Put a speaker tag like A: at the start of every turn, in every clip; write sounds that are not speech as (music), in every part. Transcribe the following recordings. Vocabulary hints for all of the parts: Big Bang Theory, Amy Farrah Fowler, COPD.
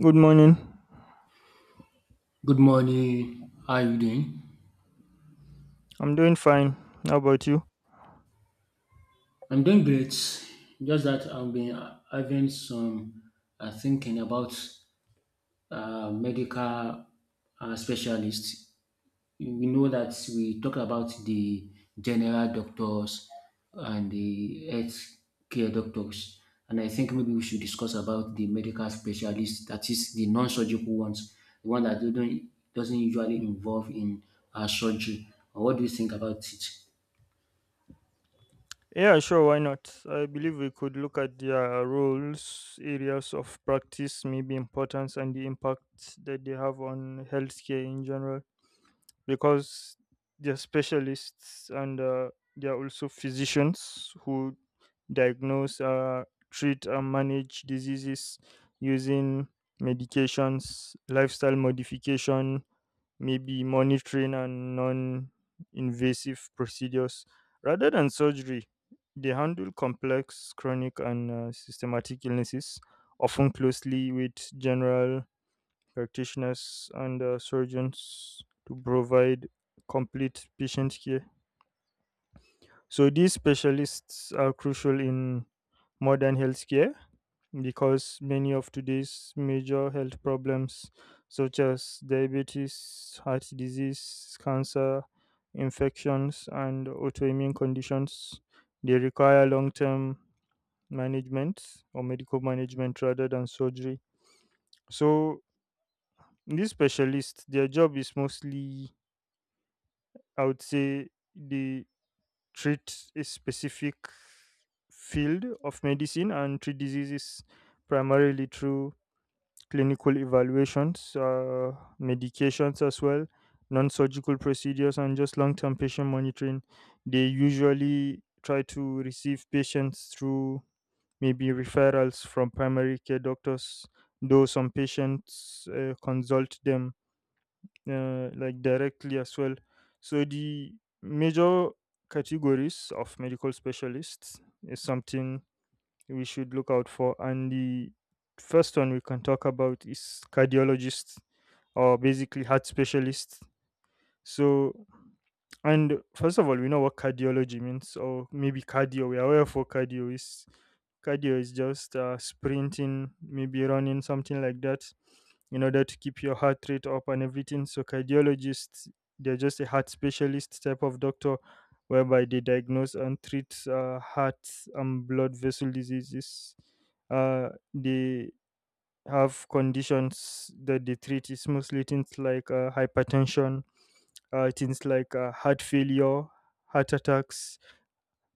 A: Good morning.
B: Good morning. How are you doing?
A: I'm doing fine. How about you?
B: I'm doing great. Just that I've been having some thinking about medical specialists. We know that we talk about the general doctors and the health care doctors, and I think maybe we should discuss about the medical specialists. That is the non-surgical ones, the one that don't doesn't usually involve in surgery. What do you think about it?
A: Yeah, sure. Why not? I believe we could look at their roles, areas of practice, maybe importance, and the impact that they have on healthcare in general. Because they're specialists and they're also physicians who diagnose, treat, and manage diseases using medications, lifestyle modification, maybe monitoring and non invasive procedures. Rather than surgery, they handle complex, chronic, and systematic illnesses, often closely with general practitioners and surgeons to provide complete patient care. So these specialists are crucial in modern healthcare because many of today's major health problems, such as diabetes, heart disease, cancer, infections, and autoimmune conditions, they require long term management or medical management rather than surgery. So these specialists, their job is mostly, I would say, they treat a specific field of medicine and treat diseases primarily through clinical evaluations, medications as well, non surgical procedures, and just long term patient monitoring. They usually try to receive patients through maybe referrals from primary care doctors, though some patients consult them like directly as well. So the major categories of medical specialists is something we should look out for. And the first one we can talk about is cardiologists or basically heart specialists. So and first of all, we know what cardiology means, or maybe cardio. We are aware of what cardio is. Cardio is just sprinting, maybe running, something like that, in order to keep your heart rate up and everything. So cardiologists, they're just a heart specialist type of doctor whereby they diagnose and treat heart and blood vessel diseases. Uh, they have conditions that they treat. It's mostly things like hypertension, things like heart failure, heart attacks,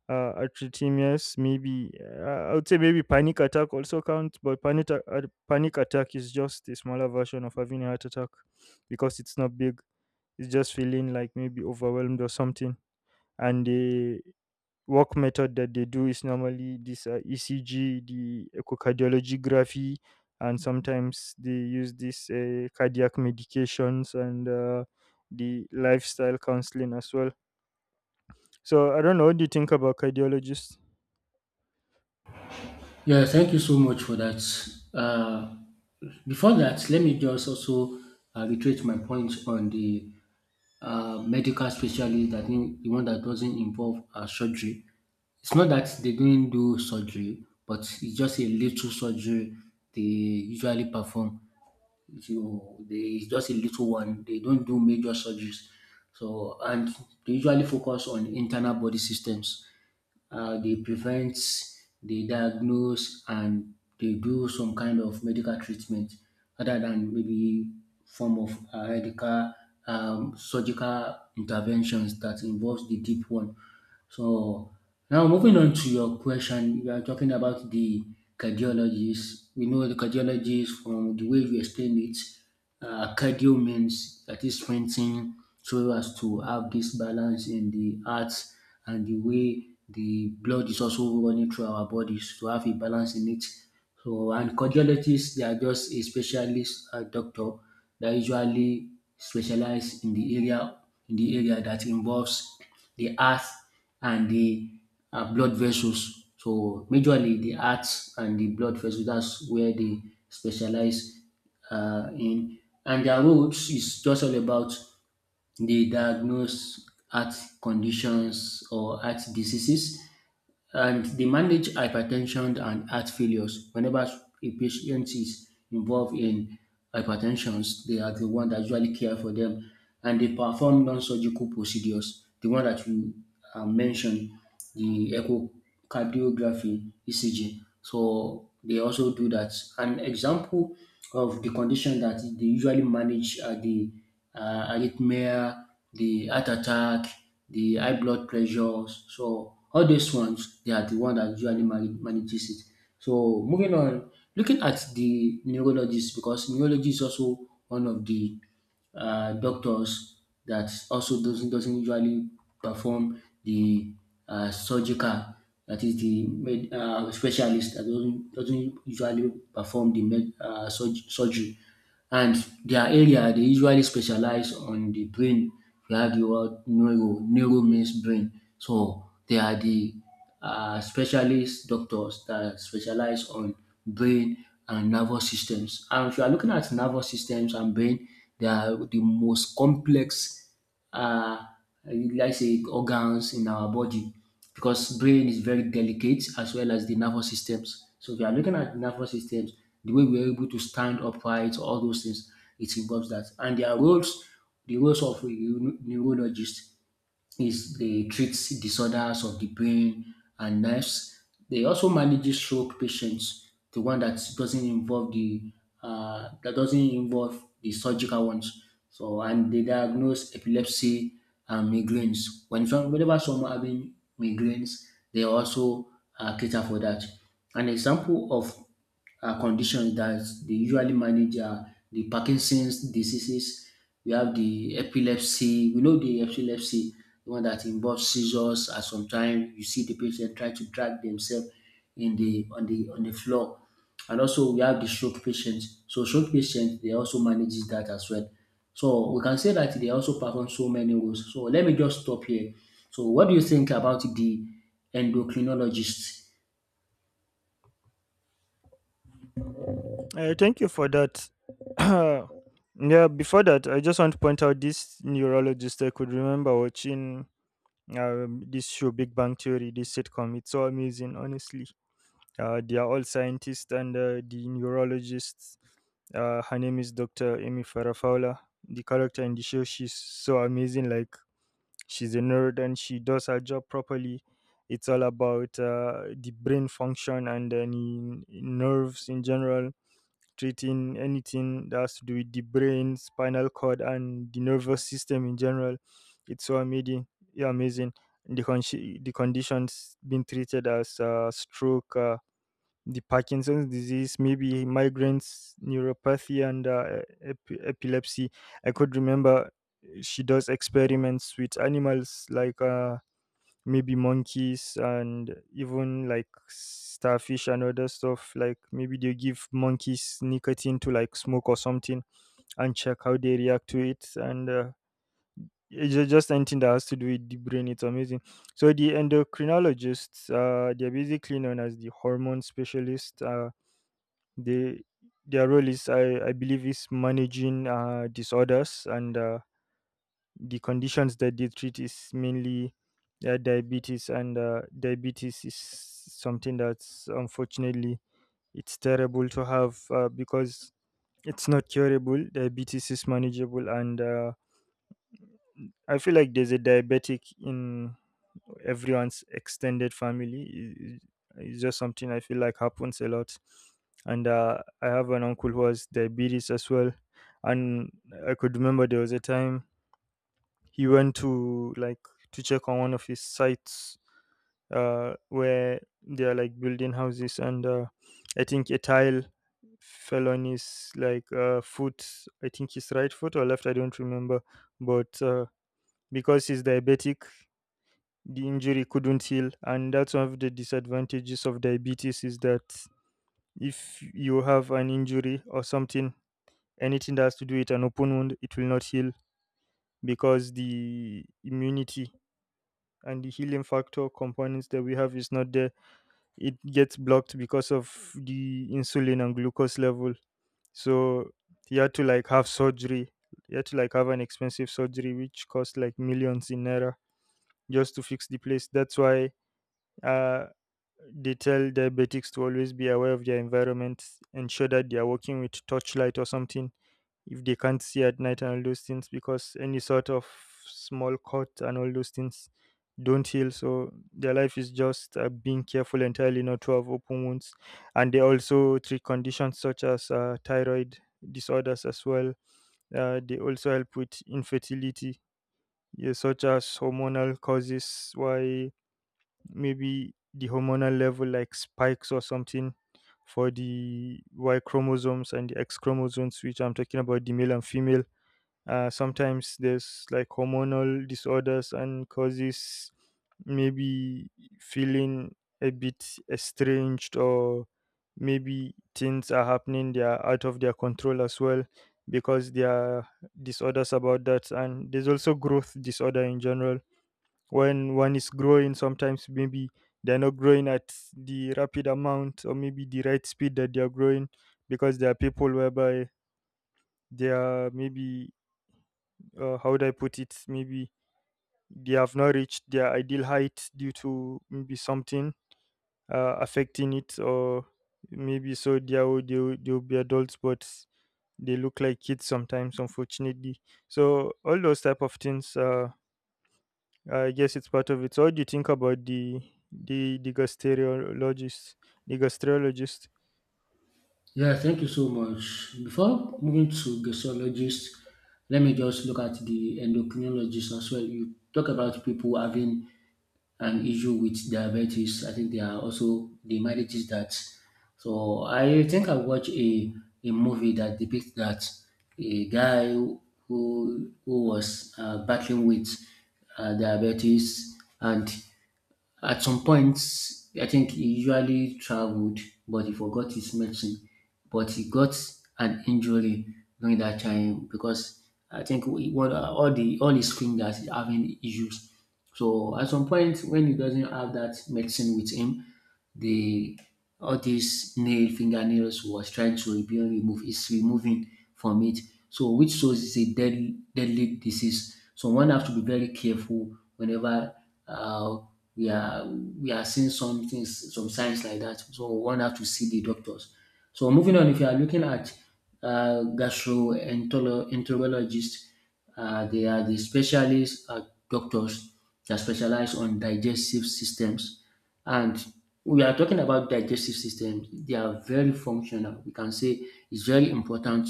A: arrhythmias, maybe I would say maybe panic attack also counts, but panic attack is just a smaller version of having a heart attack because it's not big. It's just feeling like maybe overwhelmed or something, and work method that they do is normally this ECG, the echocardiography, and sometimes they use this cardiac medications and the lifestyle counseling as well. So I don't know what do you think about cardiologists.
B: Yeah, thank you so much for that. Uh, Before that, let me just also reiterate my point on the medical specialist, that mean the one that doesn't involve surgery. It's not that they don't do surgery, but it's just a little surgery they usually perform. You, they, it's just a little one. They don't do major surgeries. So, and they usually focus on internal body systems. They prevent, they diagnose, and they do some kind of medical treatment other than maybe form of medical surgical interventions that involves the deep one. So now moving on to your question, you are talking about the cardiologist. We know the cardiologist from the way you explained it. Cardio means that is strengthening so as to have this balance in the heart and the way the blood is also running through our bodies to have a balance in it. So and cardiologists, they are just a specialist doctor that usually specialize in the area that involves the heart and the blood vessels. So majorly the heart and the blood vessels, that's where they specialize in, and their roles is just all about they diagnose heart conditions or heart diseases, and they manage hypertension and heart failures. Whenever a patient is involved in hypertension, they are the one that usually care for them, and they perform non-surgical procedures. The one that you mentioned, the echocardiography, ECG. So they also do that. An example of the condition that they usually manage are the arrhythmia, the heart attack, the high blood pressures. So all these ones, they are the one that usually manages it. So moving on, looking at the neurologist, because neurology is also one of the doctors that also doesn't usually perform the surgical, that is the specialist that doesn't usually perform the surgery. And their area, they usually specialize on the brain. We have the word neuro, neuro means brain. So they are the specialist doctors that specialize on brain and nervous systems. And if you are looking at nervous systems and brain, they are the most complex uh, like say organs in our body, because brain is very delicate as well as the nervous systems. So if you are looking at the nervous systems, the way we are able to stand upright, all those things, it involves that. And their roles, the roles of a neurologist is they treat disorders of the brain and nerves. They also manage stroke patients, the one that doesn't involve the surgical ones. So and they diagnose epilepsy and migraines. Whenever someone having migraines, they also cater for that. An example of conditions that they usually manage are the Parkinson's diseases, we have the epilepsy, we know the epilepsy, the one that involves seizures, and sometimes you see the patient try to drag themselves in the on the on the floor. And also we have the stroke patients. So stroke patients, they also manages that as well. So we can say that they also perform so many roles. So let me just stop here. So what do you think about the endocrinologist?
A: Thank you for that. (clears throat) Yeah, before that, I just want to point out this neurologist I could remember watching this show, Big Bang Theory, this sitcom. It's so amazing, honestly. They are all scientists and the neurologists. Her name is Dr. Amy Farrah Fowler. The character in the show, she's so amazing. Like, she's a nerd and she does her job properly. It's all about the brain function and the nerves in general, treating anything that has to do with the brain, spinal cord, and the nervous system in general. It's so amazing. Yeah, amazing. And the conditions being treated as stroke, the Parkinson's disease, maybe migraines, neuropathy, and epilepsy. I could remember she does experiments with animals like maybe monkeys and even like starfish and other stuff, like maybe they give monkeys nicotine to like smoke or something and check how they react to it. And just anything that has to do with the brain, it's amazing. So the endocrinologists, they're basically known as the hormone specialist. They, their role is I believe is managing disorders. And the conditions that they treat is mainly diabetes. And diabetes is something that's, unfortunately, it's terrible to have, because it's not curable. Diabetes is manageable. And I feel like there's a diabetic in everyone's extended family. It's just something I feel like happens a lot. And I have an uncle who has diabetes as well. And I could remember there was a time he went to like to check on one of his sites where they are like building houses. And I think a tile fell on his like foot. I think his right foot or left, I don't remember, but because he's diabetic, the injury couldn't heal. And that's one of the disadvantages of diabetes, is that if you have an injury or something, anything that has to do with an open wound, it will not heal because the immunity and the healing factor components that we have is not there. It gets blocked because of the insulin and glucose level. So he had to like have surgery. He had to like have an expensive surgery which cost like millions in naira just to fix the place. That's why uh they tell diabetics to always be aware of their environment, ensure that they are working with torchlight or something if they can't see at night and all those things, because any sort of small cut and all those things don't heal. So their life is just being careful entirely not to have open wounds. And they also treat conditions such as thyroid disorders as well. They also help with infertility, yeah, such as hormonal causes, why maybe the hormonal level like spikes or something for the y chromosomes and the x chromosomes, which I'm talking about the male and female. Sometimes there's like hormonal disorders and causes, maybe feeling a bit estranged, or maybe things are happening they are out of their control as well, because there are disorders about that. And there's also growth disorder in general. When one is growing, sometimes maybe they're not growing at the rapid amount, or maybe the right speed that they are growing, because there are people whereby they are maybe, how would I put it? Maybe they have not reached their ideal height due to maybe something affecting it, or maybe, so they will be adults, but they look like kids sometimes, unfortunately. So all those type of things, I guess it's part of it. So what do you think about the gastrologist, the gastrologist?
B: Yeah, thank you so much. Before moving to gastrologist, let me just look at the endocrinologist as well. You talk about people having an issue with diabetes. I think there are also the maladies that. So I think I watched a movie that depicts that a guy who was battling with diabetes. And at some point, I think he usually traveled, but he forgot his medicine. But he got an injury during that time because I think we, what, all the all his fingers is having issues. So at some point, when he doesn't have that medicine with him, the all these nail fingernails was trying to be removed, is removing from it. So which shows it's a deadly deadly disease. So one have to be very careful whenever uh, we are seeing some things, some signs like that. So one have to see the doctors. So moving on, if you are looking at gastroenterologists, they are the specialists doctors that specialize on digestive systems. And we are talking about digestive systems. They are very functional. We can say it's very important.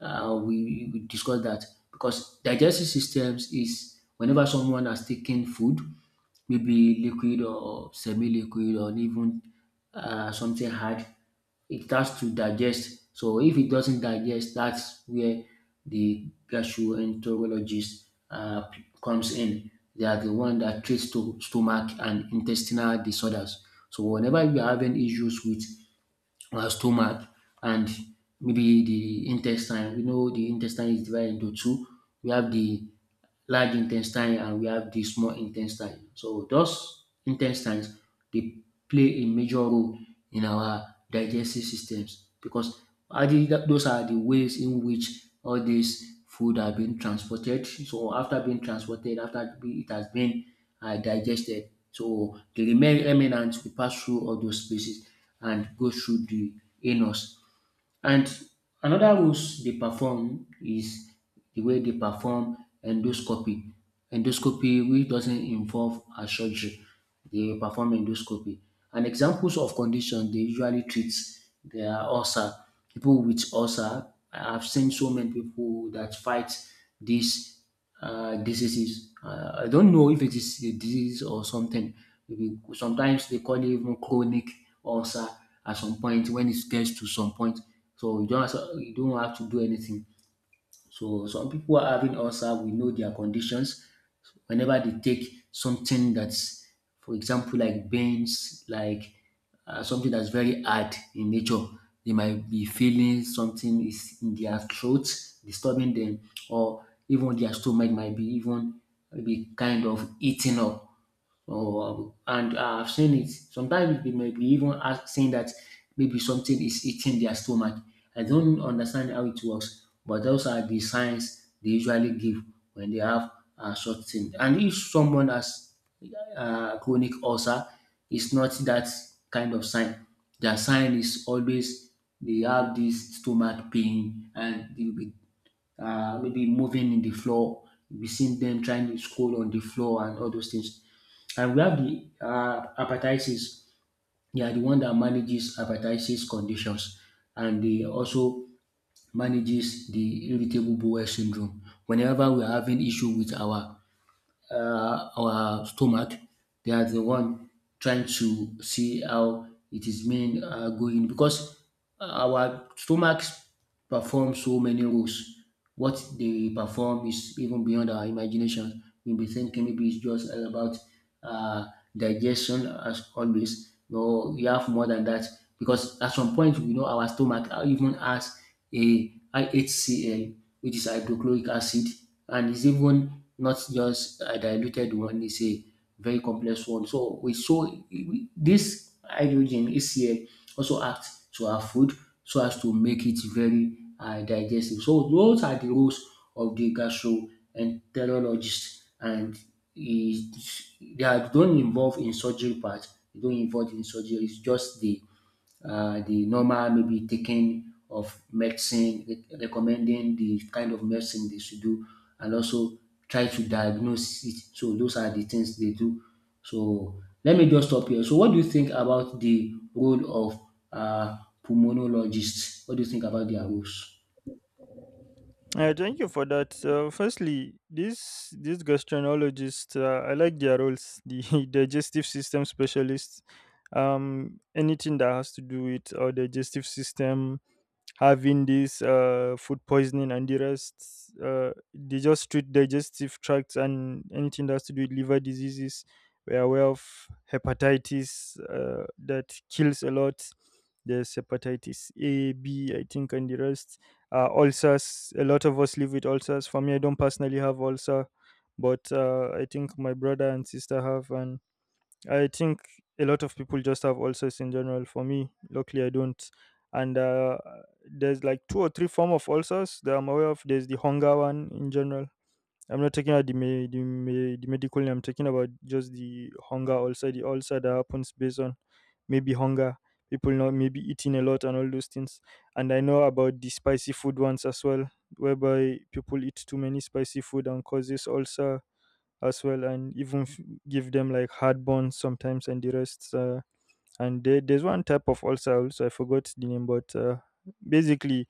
B: We discussed that because digestive systems is whenever someone has taken food, maybe liquid or semi-liquid, or even something hard, it has to digest. So if it doesn't digest, that's where the gastroenterologist comes in. They are the one that treats to stomach and intestinal disorders. So whenever you are having issues with our stomach and maybe the intestine. We know the intestine is divided into two. We have the large intestine and we have the small intestine. So those intestines, they play a major role in our digestive systems, because are the- those are the ways in which all these food are being transported. So after being transported, after it has been digested, so the remain remnants will pass through all those spaces and go through the anus. And another rules they perform is the way they perform endoscopy. Endoscopy, which doesn't involve a surgery. They perform endoscopy. And examples of condition they usually treat, they are ulcer. People with ulcer, I've seen so many people that fight this diseases. I don't know if it is a disease or something. Maybe sometimes they call it even chronic ulcer at some point when it gets to some point. So you don't have to, you don't have to do anything. So some people are having ulcer, we know their conditions. Whenever they take something that's, for example, like beans, like something that's very hard in nature, they might be feeling something is in their throat, disturbing them, or even their stomach might be even be kind of eating up. Oh, and I've seen it. Sometimes they might be even ask, saying that maybe something is eating their stomach. I don't understand how it works, but those are the signs they usually give when they have short thing. And if someone has chronic ulcer, it's not that kind of sign. Their sign is always they have this stomach pain, and they will be maybe moving in the floor. We've seen them trying to scroll on the floor and all those things. And we have the hepatitis. They are the one that manages hepatitis conditions, and they also manages the irritable bowel syndrome. Whenever we are having issue with our stomach. They are the one trying to see how it is being going, because our stomachs perform so many roles. What they perform is even beyond our imagination. We'll be thinking maybe it's just all about uh, digestion as always. No, we have more than that, because at some point we know our stomach even has a HCl, which is hydrochloric acid, and it's even not just a diluted one, it's a very complex one. So this hydrogen HCl also acts to our food so as to make it very digestive. So those are the roles of the gastroenterologist. It, they are don't involve in surgery part, they don't involve in surgery, it's just the normal maybe taking of medicine, recommending the kind of medicine they should do, and also try to diagnose it. So those are the things they do. So let me just stop here. So what do you think about the role of uh, pulmonologists? What do you think about their roles?
A: Thank you for that. Firstly, these gastroenterologists, I like their roles. (laughs) The digestive system specialists, anything that has to do with our digestive system, having this food poisoning and the rest. They just treat digestive tracts and anything that has to do with liver diseases. We are aware of hepatitis that kills a lot. There's hepatitis A, B, I think, and the rest. Ulcers, a lot of us live with ulcers. For me, I don't personally have ulcer, but I think my brother and sister have, and I think a lot of people just have ulcers in general. For me, luckily, I don't. And there's like two or three form of ulcers that I'm aware of. There's the hunger one in general. I'm not talking about the medical name. I'm talking about just the hunger ulcer, the ulcer that happens based on maybe hunger, people not maybe eating a lot and all those things. And I know about the spicy food ones as well, whereby people eat too many spicy food and causes ulcer as well, and even give them like hard burns sometimes and the rest. And there's one type of ulcer also, I forgot the name, but basically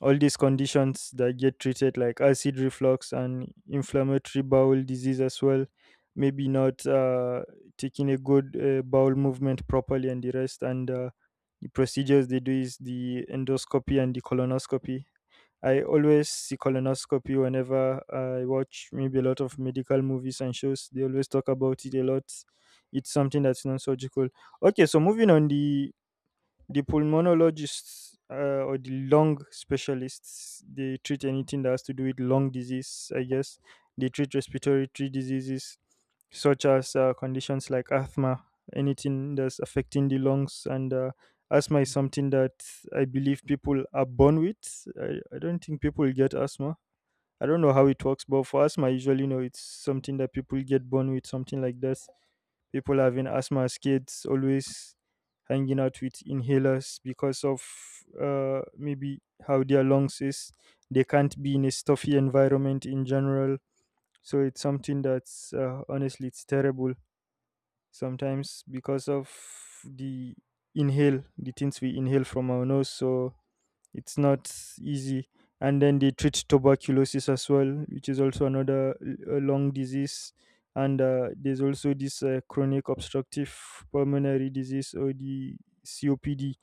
A: all these conditions that get treated, like acid reflux and inflammatory bowel disease as well, maybe not taking a good bowel movement properly and the rest. And the procedures they do is the endoscopy and the colonoscopy. I always see colonoscopy whenever I watch maybe a lot of medical movies and shows. They always talk about it a lot. It's something that's non surgical. Okay, so moving on, the pulmonologists, or the lung specialists, they treat anything that has to do with lung disease, I guess. They treat respiratory tree diseases such as conditions like asthma, anything that's affecting the lungs. And asthma is something that I believe people are born with. I don't think people get asthma. I don't know how it works, but for asthma, I usually know it's something that people get born with, something like that. People having asthma, kids always hanging out with inhalers because of maybe how their lungs is. They can't be in a stuffy environment in general. So it's something that's honestly, it's terrible sometimes because of the inhale, the things we inhale from our nose. So it's not easy. And then they treat tuberculosis as well, which is also a lung disease. And there's also this chronic obstructive pulmonary disease, or the COPD.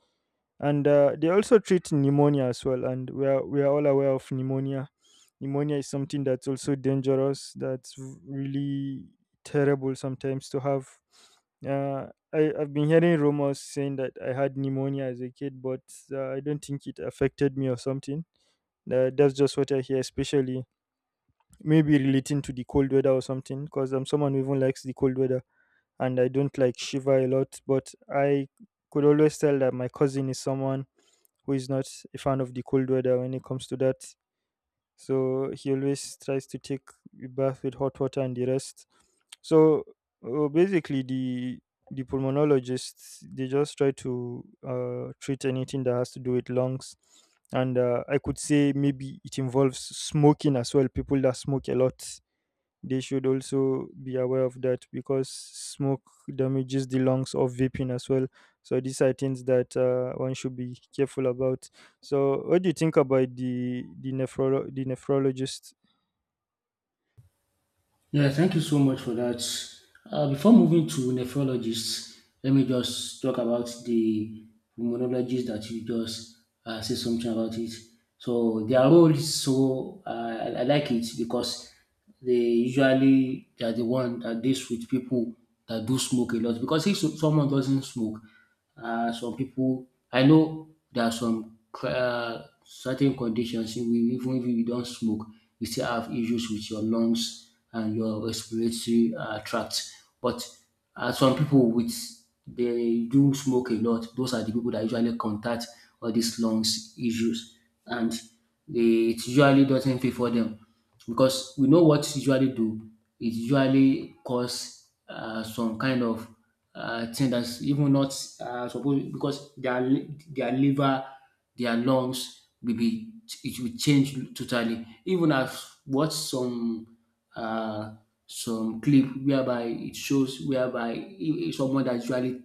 A: And they also treat pneumonia as well, and we are all aware of pneumonia. Is something that's also dangerous, that's really terrible sometimes to have. uh, I've been hearing rumors saying that I had pneumonia as a kid, but I don't think it affected me or something. That's just what I hear, especially maybe relating to the cold weather or something, because I'm someone who even likes the cold weather, and I don't like shiver a lot, but I could always tell that my cousin is someone who is not a fan of the cold weather when it comes to that. So he always tries to take a bath with hot water and the rest. So basically, the pulmonologists, they just try to treat anything that has to do with lungs, and I could say maybe it involves smoking as well. People that smoke a lot, they should also be aware of that because smoke damages the lungs, of vaping as well. So these are things that one should be careful about. So what do you think about the the nephrologist?
B: Yeah, thank you so much for that. Before moving to nephrologists, let me just talk about the pulmonologists that you just say something about it. So their role is so I like it because they usually they are the one that deals with people that do smoke a lot. Because if someone doesn't smoke, some people, I know there are some certain conditions, if we, even if you don't smoke, you still have issues with your lungs and your respiratory tract. But some people with they do smoke a lot. Those are the people that usually contact all these lungs issues, and they, it usually doesn't pay for them because we know what usually do. It usually cause some kind of thing that's even not supposed because their liver, their lungs will be it will change totally. Even I've watched uh, some clip whereby it shows whereby someone that usually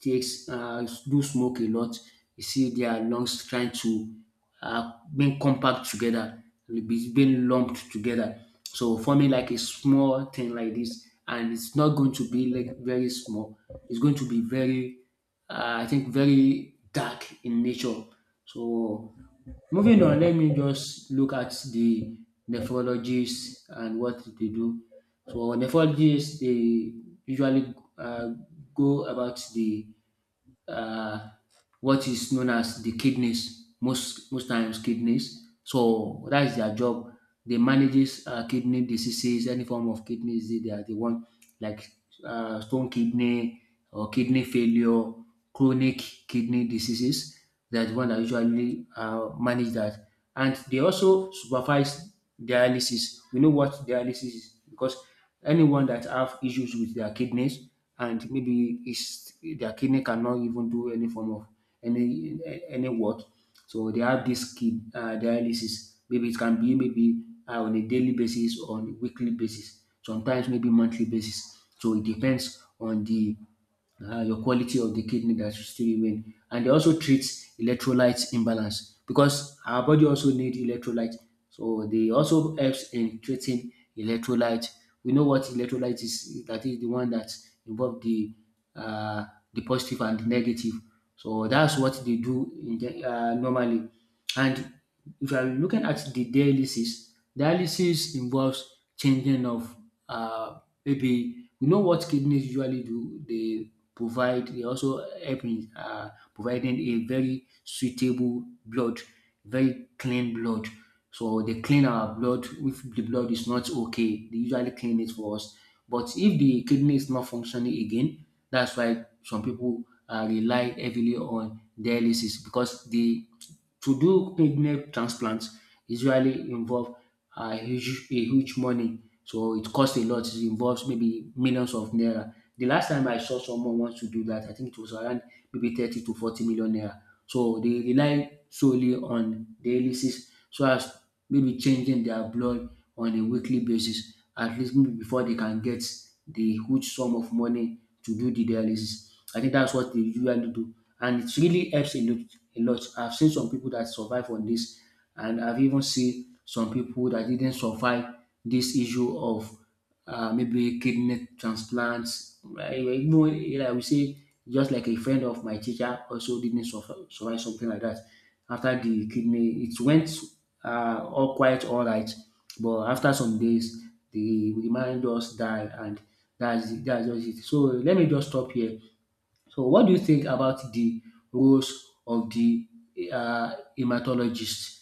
B: takes do smoke a lot. You see their lungs trying to being compact together, being lumped together. So forming like a small thing like this, and it's not going to be like very small. It's going to be very, I think, very dark in nature. So moving on, let me just look at the nephrologists and what they do. So nephrologists, they usually go about the uh, what is known as the kidneys, most times kidneys. So that is their job. They manages kidney diseases, any form of kidney disease. They are the one, like, stone kidney or kidney failure, chronic kidney diseases. They are the one that usually manage that, and they also supervise dialysis. We know what dialysis is, because anyone that have issues with their kidneys, and maybe his their kidney cannot even do any form of any any work. So they have this kid dialysis. Maybe it can be maybe on a daily basis, on weekly basis, sometimes maybe monthly basis. So it depends on the your quality of the kidney that should still remain. And they also treat electrolyte imbalance, because our body also need electrolyte. So they also helps in treating electrolyte. We know what electrolyte is. That is the one that involve uh, the positive and the negative. So that's what they do in the, normally. And if you are looking at the dialysis, dialysis involves changing of uh, maybe we know what kidneys usually do. They provide they also help in providing a very suitable blood, very clean blood. So they clean our blood. If the blood is not okay, they usually clean it for us. But if the kidney is not functioning again, that's why some people rely heavily on dialysis, because the to do kidney transplants usually involve a huge money. So it costs a lot. It involves maybe millions of naira. The last time I saw someone wants to do that, I think it was around maybe 30 to 40 million naira. So they rely solely on dialysis, so as maybe changing their blood on a weekly basis, at least maybe before they can get the huge sum of money to do the dialysis. I think that's what they usually do, and it really helps a lot. I've seen some people that survive on this, and I've even seen some people that didn't survive this issue of maybe kidney transplants. Right? You know, like we say, just like a friend of my teacher also didn't suffer, survive something like that. After the kidney, it went all quite all right, but after some days, the man just died, and that's just it. So let me just stop here. So what do you think about the roles of the hematologist?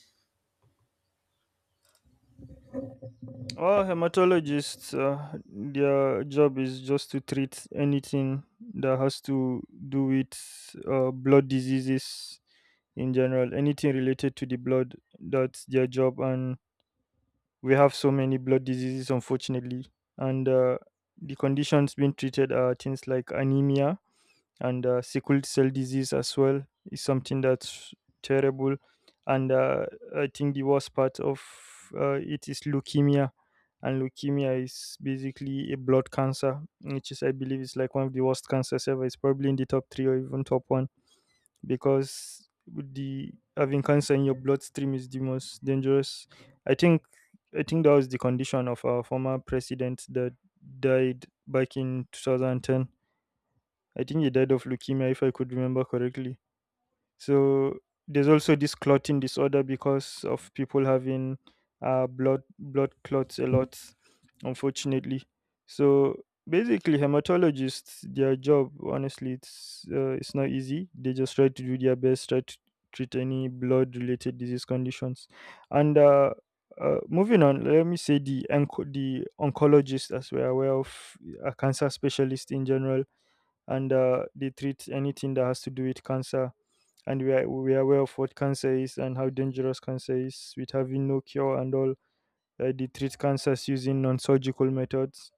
A: Well, hematologists, their job is just to treat anything that has to do with blood diseases in general, anything related to the blood. That's their job, and we have so many blood diseases, unfortunately. And the conditions being treated are things like anemia, and sickle cell disease as well is something that's terrible, and I think the worst part of it is leukemia. And leukemia is basically a blood cancer, which is I believe is like one of the worst cancers ever. It's probably in the top three, or even top one, because the having cancer in your bloodstream is the most dangerous, i think i think that was the condition of our former president that died back in 2010. I think he died of leukemia, if I could remember correctly. So there's also this clotting disorder because of people having blood clots a lot, unfortunately. So basically, hematologists, their job, honestly, it's not easy. They just try to do their best, try to treat any blood-related disease conditions, and. Moving on, let me say the the oncologist, as we're aware of, a cancer specialist in general, and they treat anything that has to do with cancer. And we are aware of what cancer is and how dangerous cancer is, with having no cure and all. They treat cancers using non surgical methods.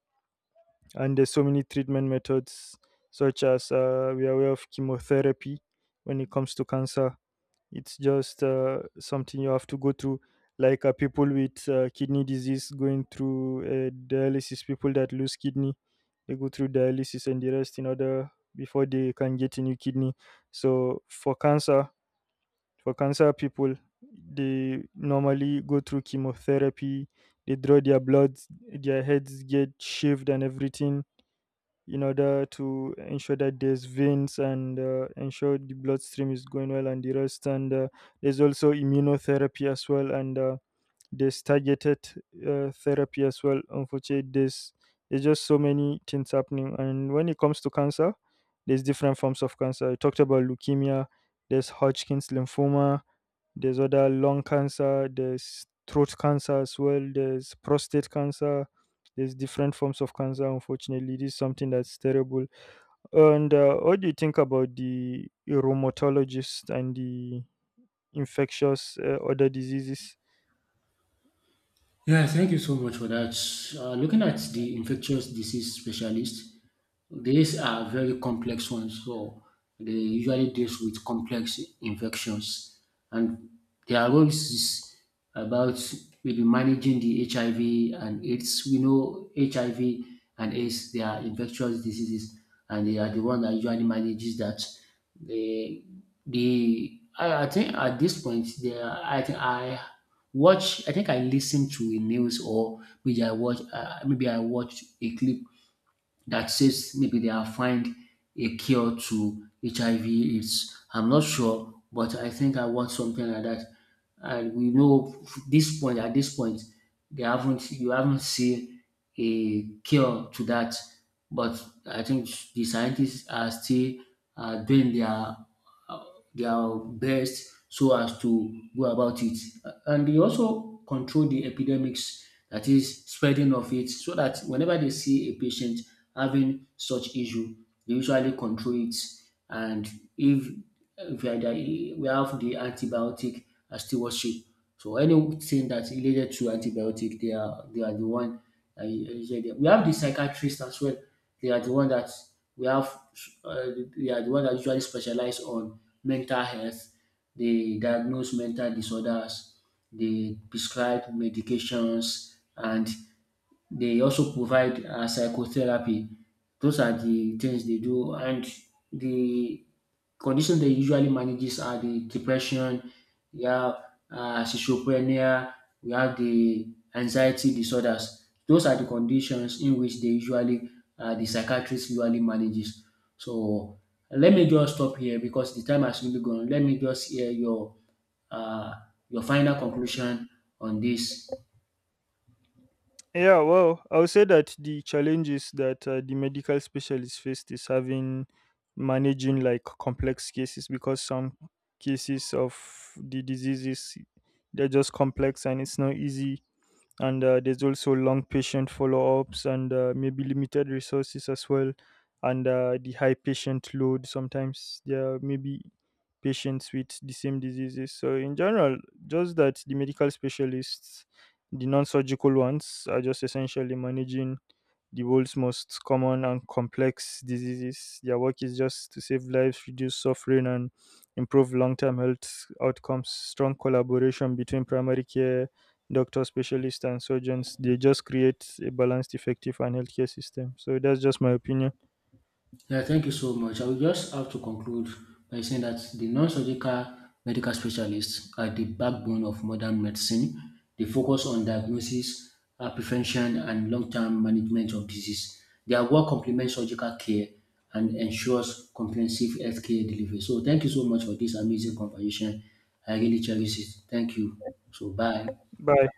A: And there's so many treatment methods, such as we are aware of chemotherapy. When it comes to cancer, it's just something you have to go through, like people with kidney disease going through dialysis. People that lose kidney, they go through dialysis and the rest in order before they can get a new kidney. So for cancer people, they normally go through chemotherapy. They draw their blood, their heads get shaved and everything in order to ensure that there's veins, and ensure the bloodstream is going well and the rest. And there's also immunotherapy as well, and there's targeted therapy as well. Unfortunately, there's just so many things happening. And when it comes to cancer, there's different forms of cancer. I talked about leukemia. There's Hodgkin's lymphoma, there's other lung cancer, there's throat cancer as well, there's prostate cancer, there's different forms of cancer. Unfortunately, this is something that's terrible. And what do you think about the rheumatologist and the infectious other diseases?
B: Yeah, thank you so much for that. Looking at the infectious disease specialist, these are very complex ones, so they usually deals with complex infections, and their roles is about maybe managing the HIV and AIDS. We know HIV and AIDS, they are infectious diseases, and they are the one that usually manages that. They, I think at this point, they are, I think I watch. I think I listened to a news or maybe I watch. Maybe I watched a clip that says maybe they have find a cure to HIV AIDS. I'm not sure, but I think I want something like that. And we know this point at this point, they haven't you haven't seen a cure to that, but I think the scientists are still doing uh, their best, so as to go about it. And they also control the epidemics, that is spreading of it, so that whenever they see a patient having such issue, they usually control it. And if, if we are there, we have the antibiotic stewardship. So anything that's related to antibiotic, they are the one. Usually, we have the psychiatrists as well. They are the one that we have. Uh, they are the one that usually specialize on mental health. They diagnose mental disorders, they prescribe medications, and they also provide psychotherapy. Those are the things they do, and the conditions they usually manages are the depression, we have schizophrenia, we have the anxiety disorders. Those are the conditions in which they usually the psychiatrist usually manages. So let me just stop here, because the time has really gone. Let me just hear uh, your final conclusion on this.
A: Yeah, well, I would say that the challenges that the medical specialist faced is having managing like complex cases, because some cases of the diseases, they're just complex and it's not easy, and there's also long patient follow-ups, and maybe limited resources as well, and the high patient load, sometimes there are maybe patients with the same diseases. So in general, just that the medical specialists, the non-surgical ones, are just essentially managing the world's most common and complex diseases. Their work is just to save lives, reduce suffering, and improve long term health outcomes. Strong collaboration between primary care, doctors, specialists, and surgeons, they just create a balanced, effective, and healthcare system. So that's just my opinion.
B: Yeah, thank you so much. I will just have to conclude by saying that the non-surgical medical specialists are the backbone of modern medicine. They focus on diagnosis, prevention, and long-term management of disease. Their work complements surgical care and ensures comprehensive healthcare delivery. So, thank you so much for this amazing conversation. I really cherish it. Thank you. So, bye.
A: Bye.